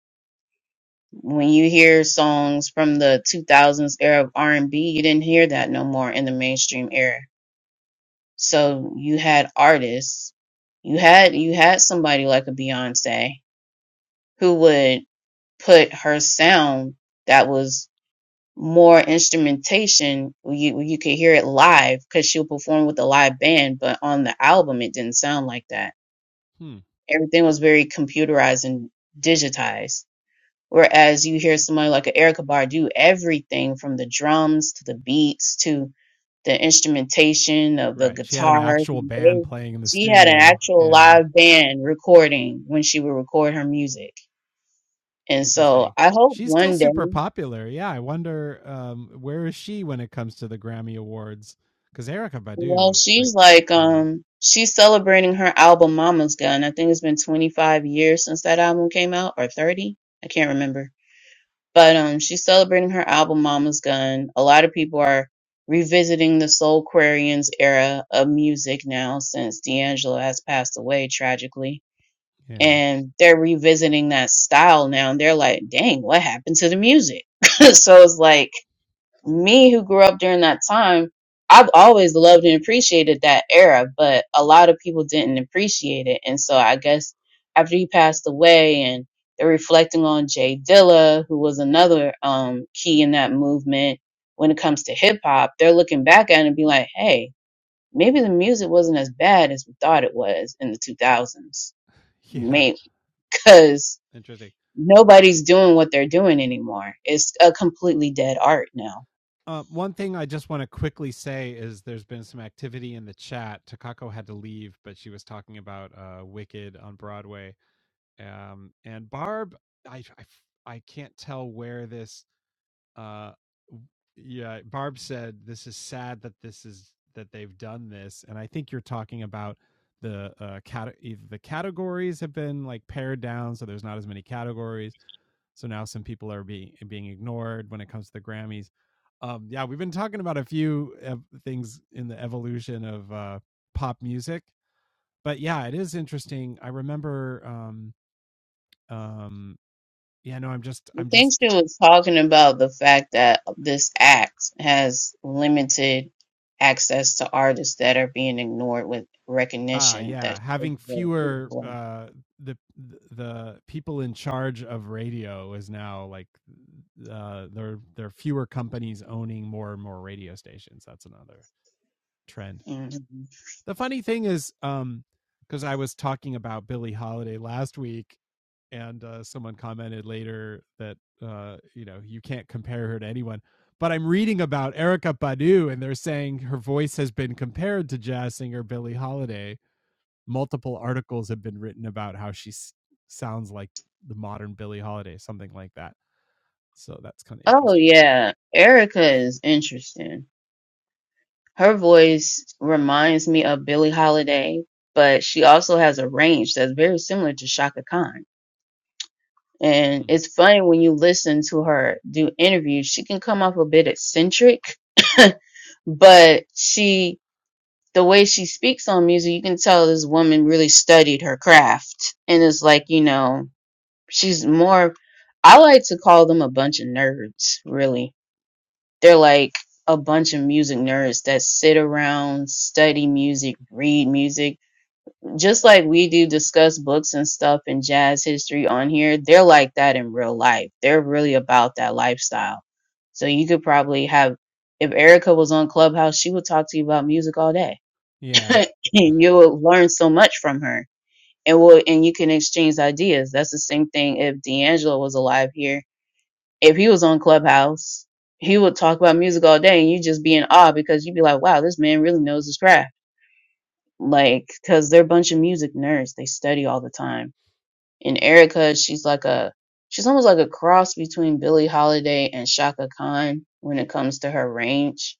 When you hear songs from the 2000s era of R&B, you didn't hear that no more in the mainstream era. So you had artists, you had you had somebody like a Beyonce who would put her sound that was more instrumentation. Well, You well, you could hear it live because she'll perform with a live band, but on the album it didn't sound like that. Everything was very computerized and digitized. Whereas you hear somebody like a Erykah Badu, everything from the drums to the beats to the instrumentation of the guitars and bass. She had an actual live band recording when she would record her music. And so I hope one day, well, she's like, um, she's celebrating her album Mama's Gun. I think it's been 25 years since that album came out or 30. I can't remember But um, she's celebrating her album Mama's Gun. A lot of people are revisiting the Soul Quarians era of music now since D'Angelo has passed away tragically. And they're revisiting that style now. And they're like, dang, what happened to the music? so it's like, me who grew up during that time, I've always loved and appreciated that era, but a lot of people didn't appreciate it. And so I guess after he passed away and they're reflecting on Jay Dilla, who was another um, key in that movement when it comes to hip hop, they're looking back at it and be like, hey, maybe the music wasn't as bad as we thought it was in the 2000s. Maybe because nobody's doing what they're doing anymore. It's a completely dead art now. I think she was talking about the fact that this act has limited access to artists that are being ignored with recognition that Mhm. oh yeah erica is interesting her voice reminds me of billie holiday but she also has a range that's very similar to shaka khan and it's funny when you listen to her do interviews she can come off a bit eccentric but she the way she speaks on music, you can tell this woman really studied her craft. And it's like, you know, she's more, I like to call them a bunch of nerds, really. They're like a bunch of music nerds that sit around, study music, read music. Just like we do discuss books and stuff and jazz history on here, they're like that in real life. They're really about that lifestyle. So you could probably have, if Erica was on Clubhouse, she would talk to you about music all day and you'll learn so much from her and will and you can exchange ideas that's the same thing if d'angelo was alive here if he was on clubhouse he would talk about music all day and you just be in awe because you'd be like wow this man really knows his craft like because they're a bunch of music nerds they study all the time and erica she's like a she's almost like a cross between billie holiday and shaka khan when it comes to her range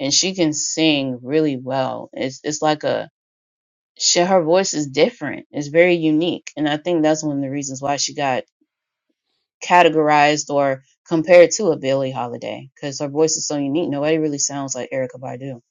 and she can sing really well it's it's like a she, her voice is different. It's very unique, and I think that's one of the reasons why she got categorized or compared to a Billie Holiday because her voice is so unique. Nobody really sounds like Erica Badu.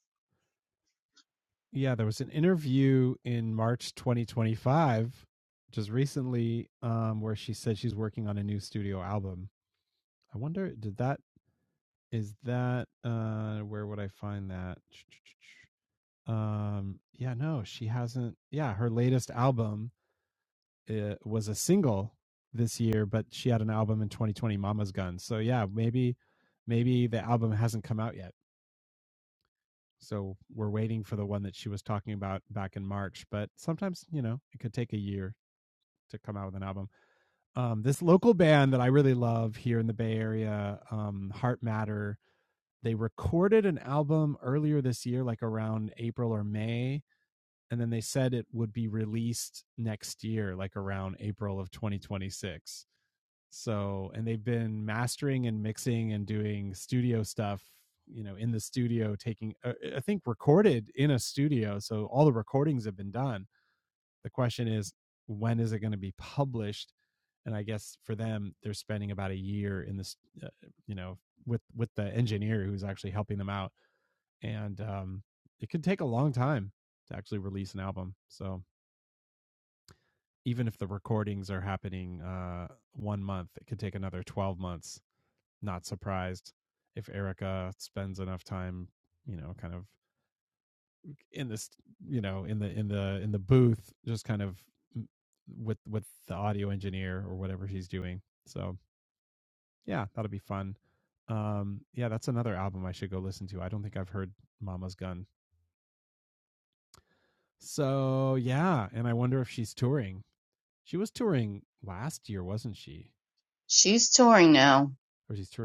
She's touring now.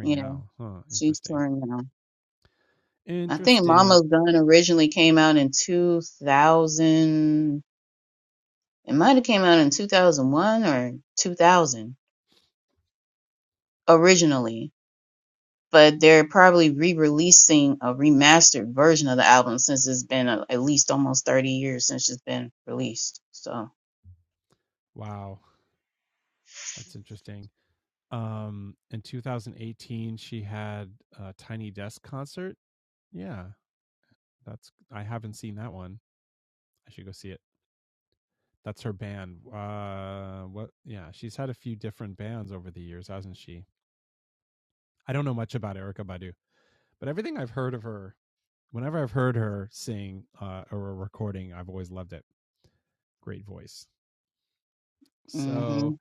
Yeah, she's touring now. I think Mama's Gun originally came out in 2000. It might have came out in 2001 or 2000 originally but they're probably re-releasing a remastered version of the album since it's been uh at least almost 30 years since it's been released. So, hmm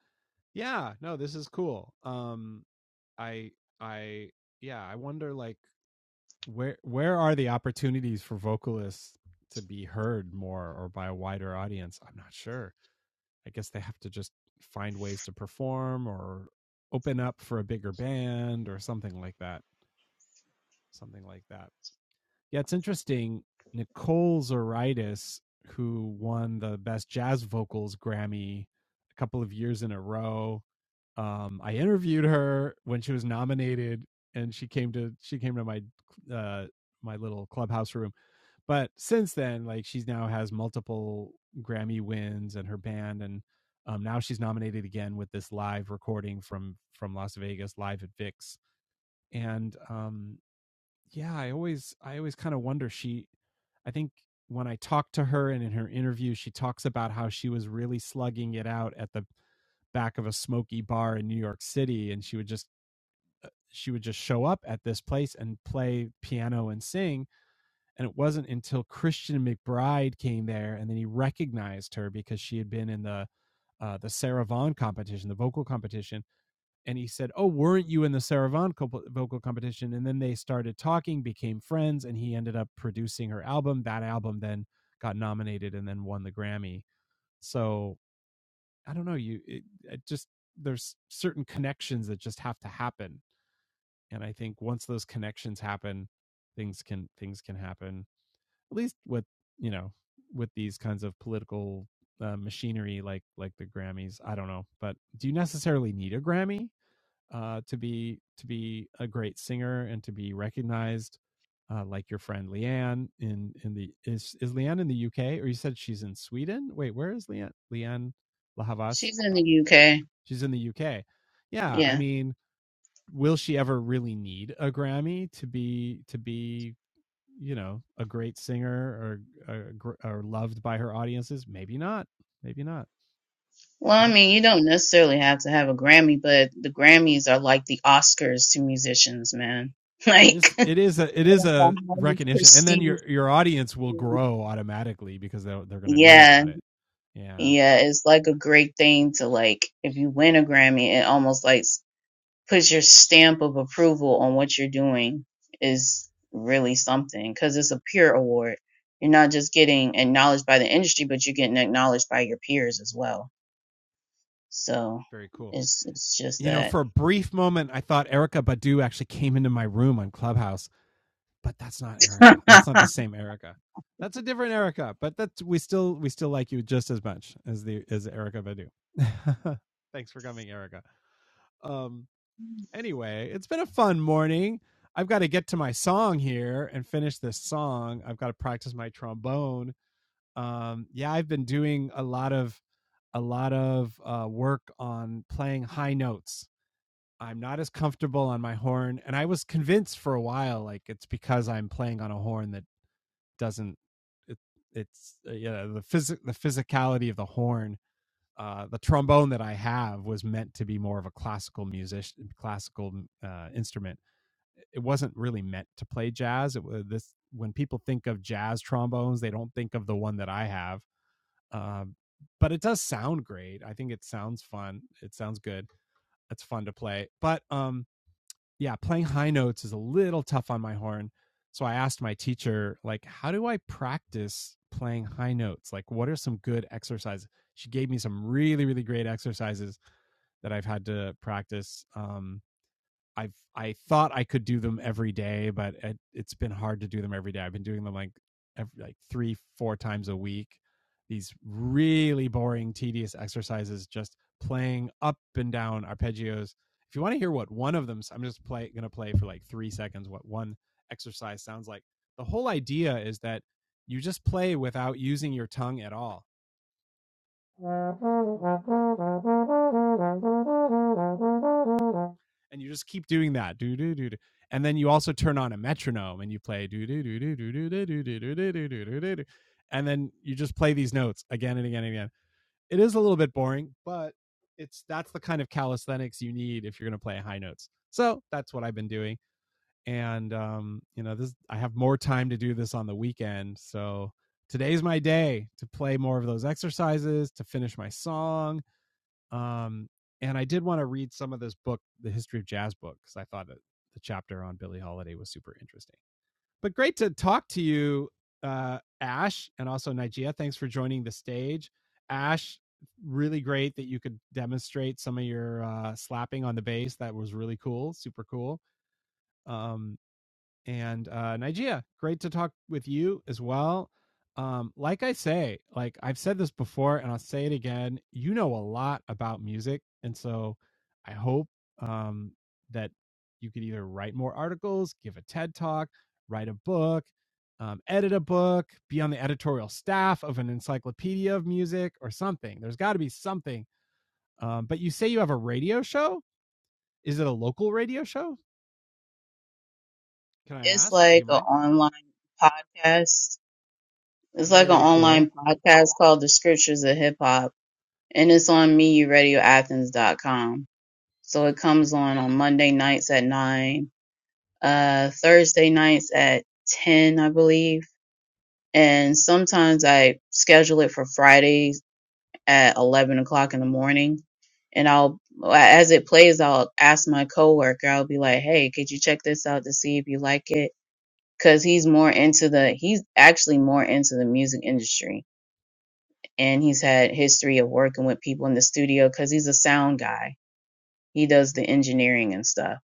she's in the UK. Yeah. Well, I mean, you don't necessarily have to have a Grammy, but the Grammys are like the Oscars to musicians, man. Like the highest prestige. thing. Yeah, yeah, it's like a great thing to like if you win a Grammy, it almost like put your stamp of approval on what you're doing is really something because it's a peer award. You're not just getting acknowledged by the industry, but you're getting acknowledged by your peers as well. So it's it's just that it's like an online podcast. It's like an online podcast called The Scriptures of Hip Hop, and it's on M E U Radio Athens dot com. So it comes on on Monday nights at nine uh, Thursday nights at 10, I believe. And sometimes I schedule it for Fridays at 11 o'clock in the morning. And I'll, as it plays, I'll ask my coworker, I'll be like, hey, could you check this out to see if you like it? Cause he's more into the, he's actually more into the music industry. And he's had history of working with people in the studio cause he's a sound guy. He does the engineering and stuff.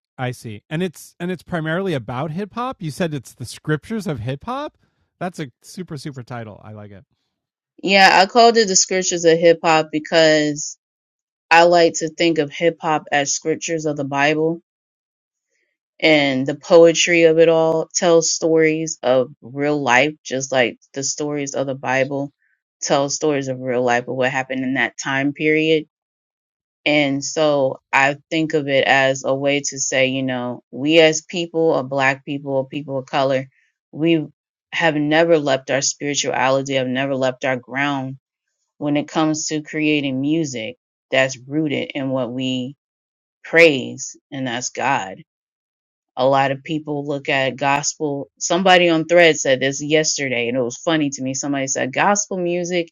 Yeah, I called it the scriptures of hip hop because I like to think of hip hop as scriptures of the Bible, and the poetry of it all tells stories of real life, just like the stories of the Bible tell stories of real life of what happened in that time period. And so I think of it as a way to say, you know, we as people, or black people, or people of color, we have never left our spirituality, have never left our ground when it comes to creating music that's rooted in what we praise and that's god a lot of people look at gospel somebody on thread said this yesterday and it was funny to me somebody said gospel music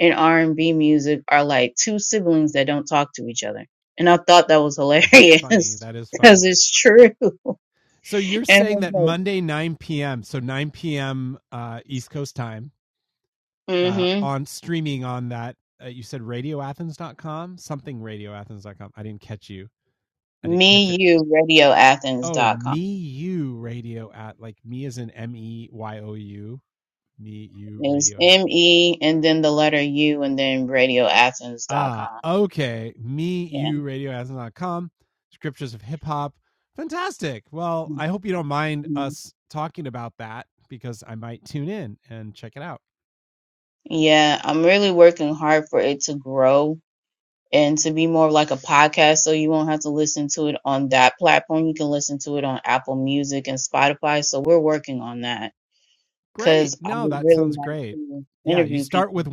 and r&b music are like two siblings that don't talk to each other and i thought that was hilarious because it's true and i was like mm-hmm me you radioathens.com is me and then the letter u and then radioathens.com yeah Mm-hmm. Yeah, I'm really working hard for it to grow and to be more of like a podcast so you won't have to listen to it on that platform. You can listen to it on Apple Music and Spotify. So we're working on that because I would really like to interview people.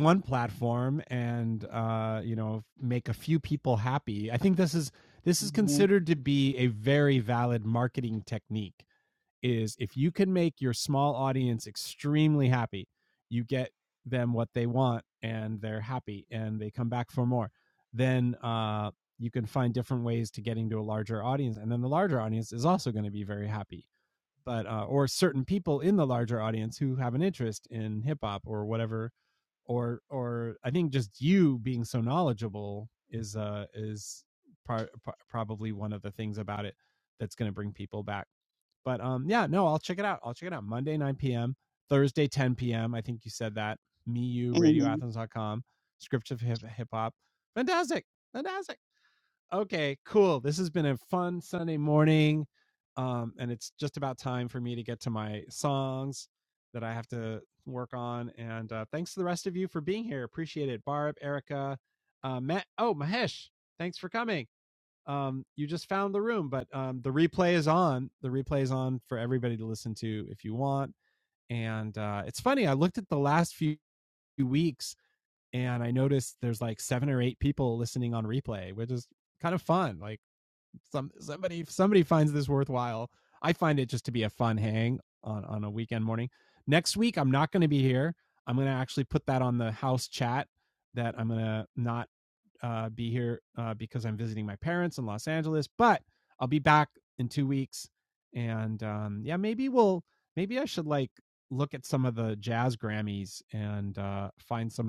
hmm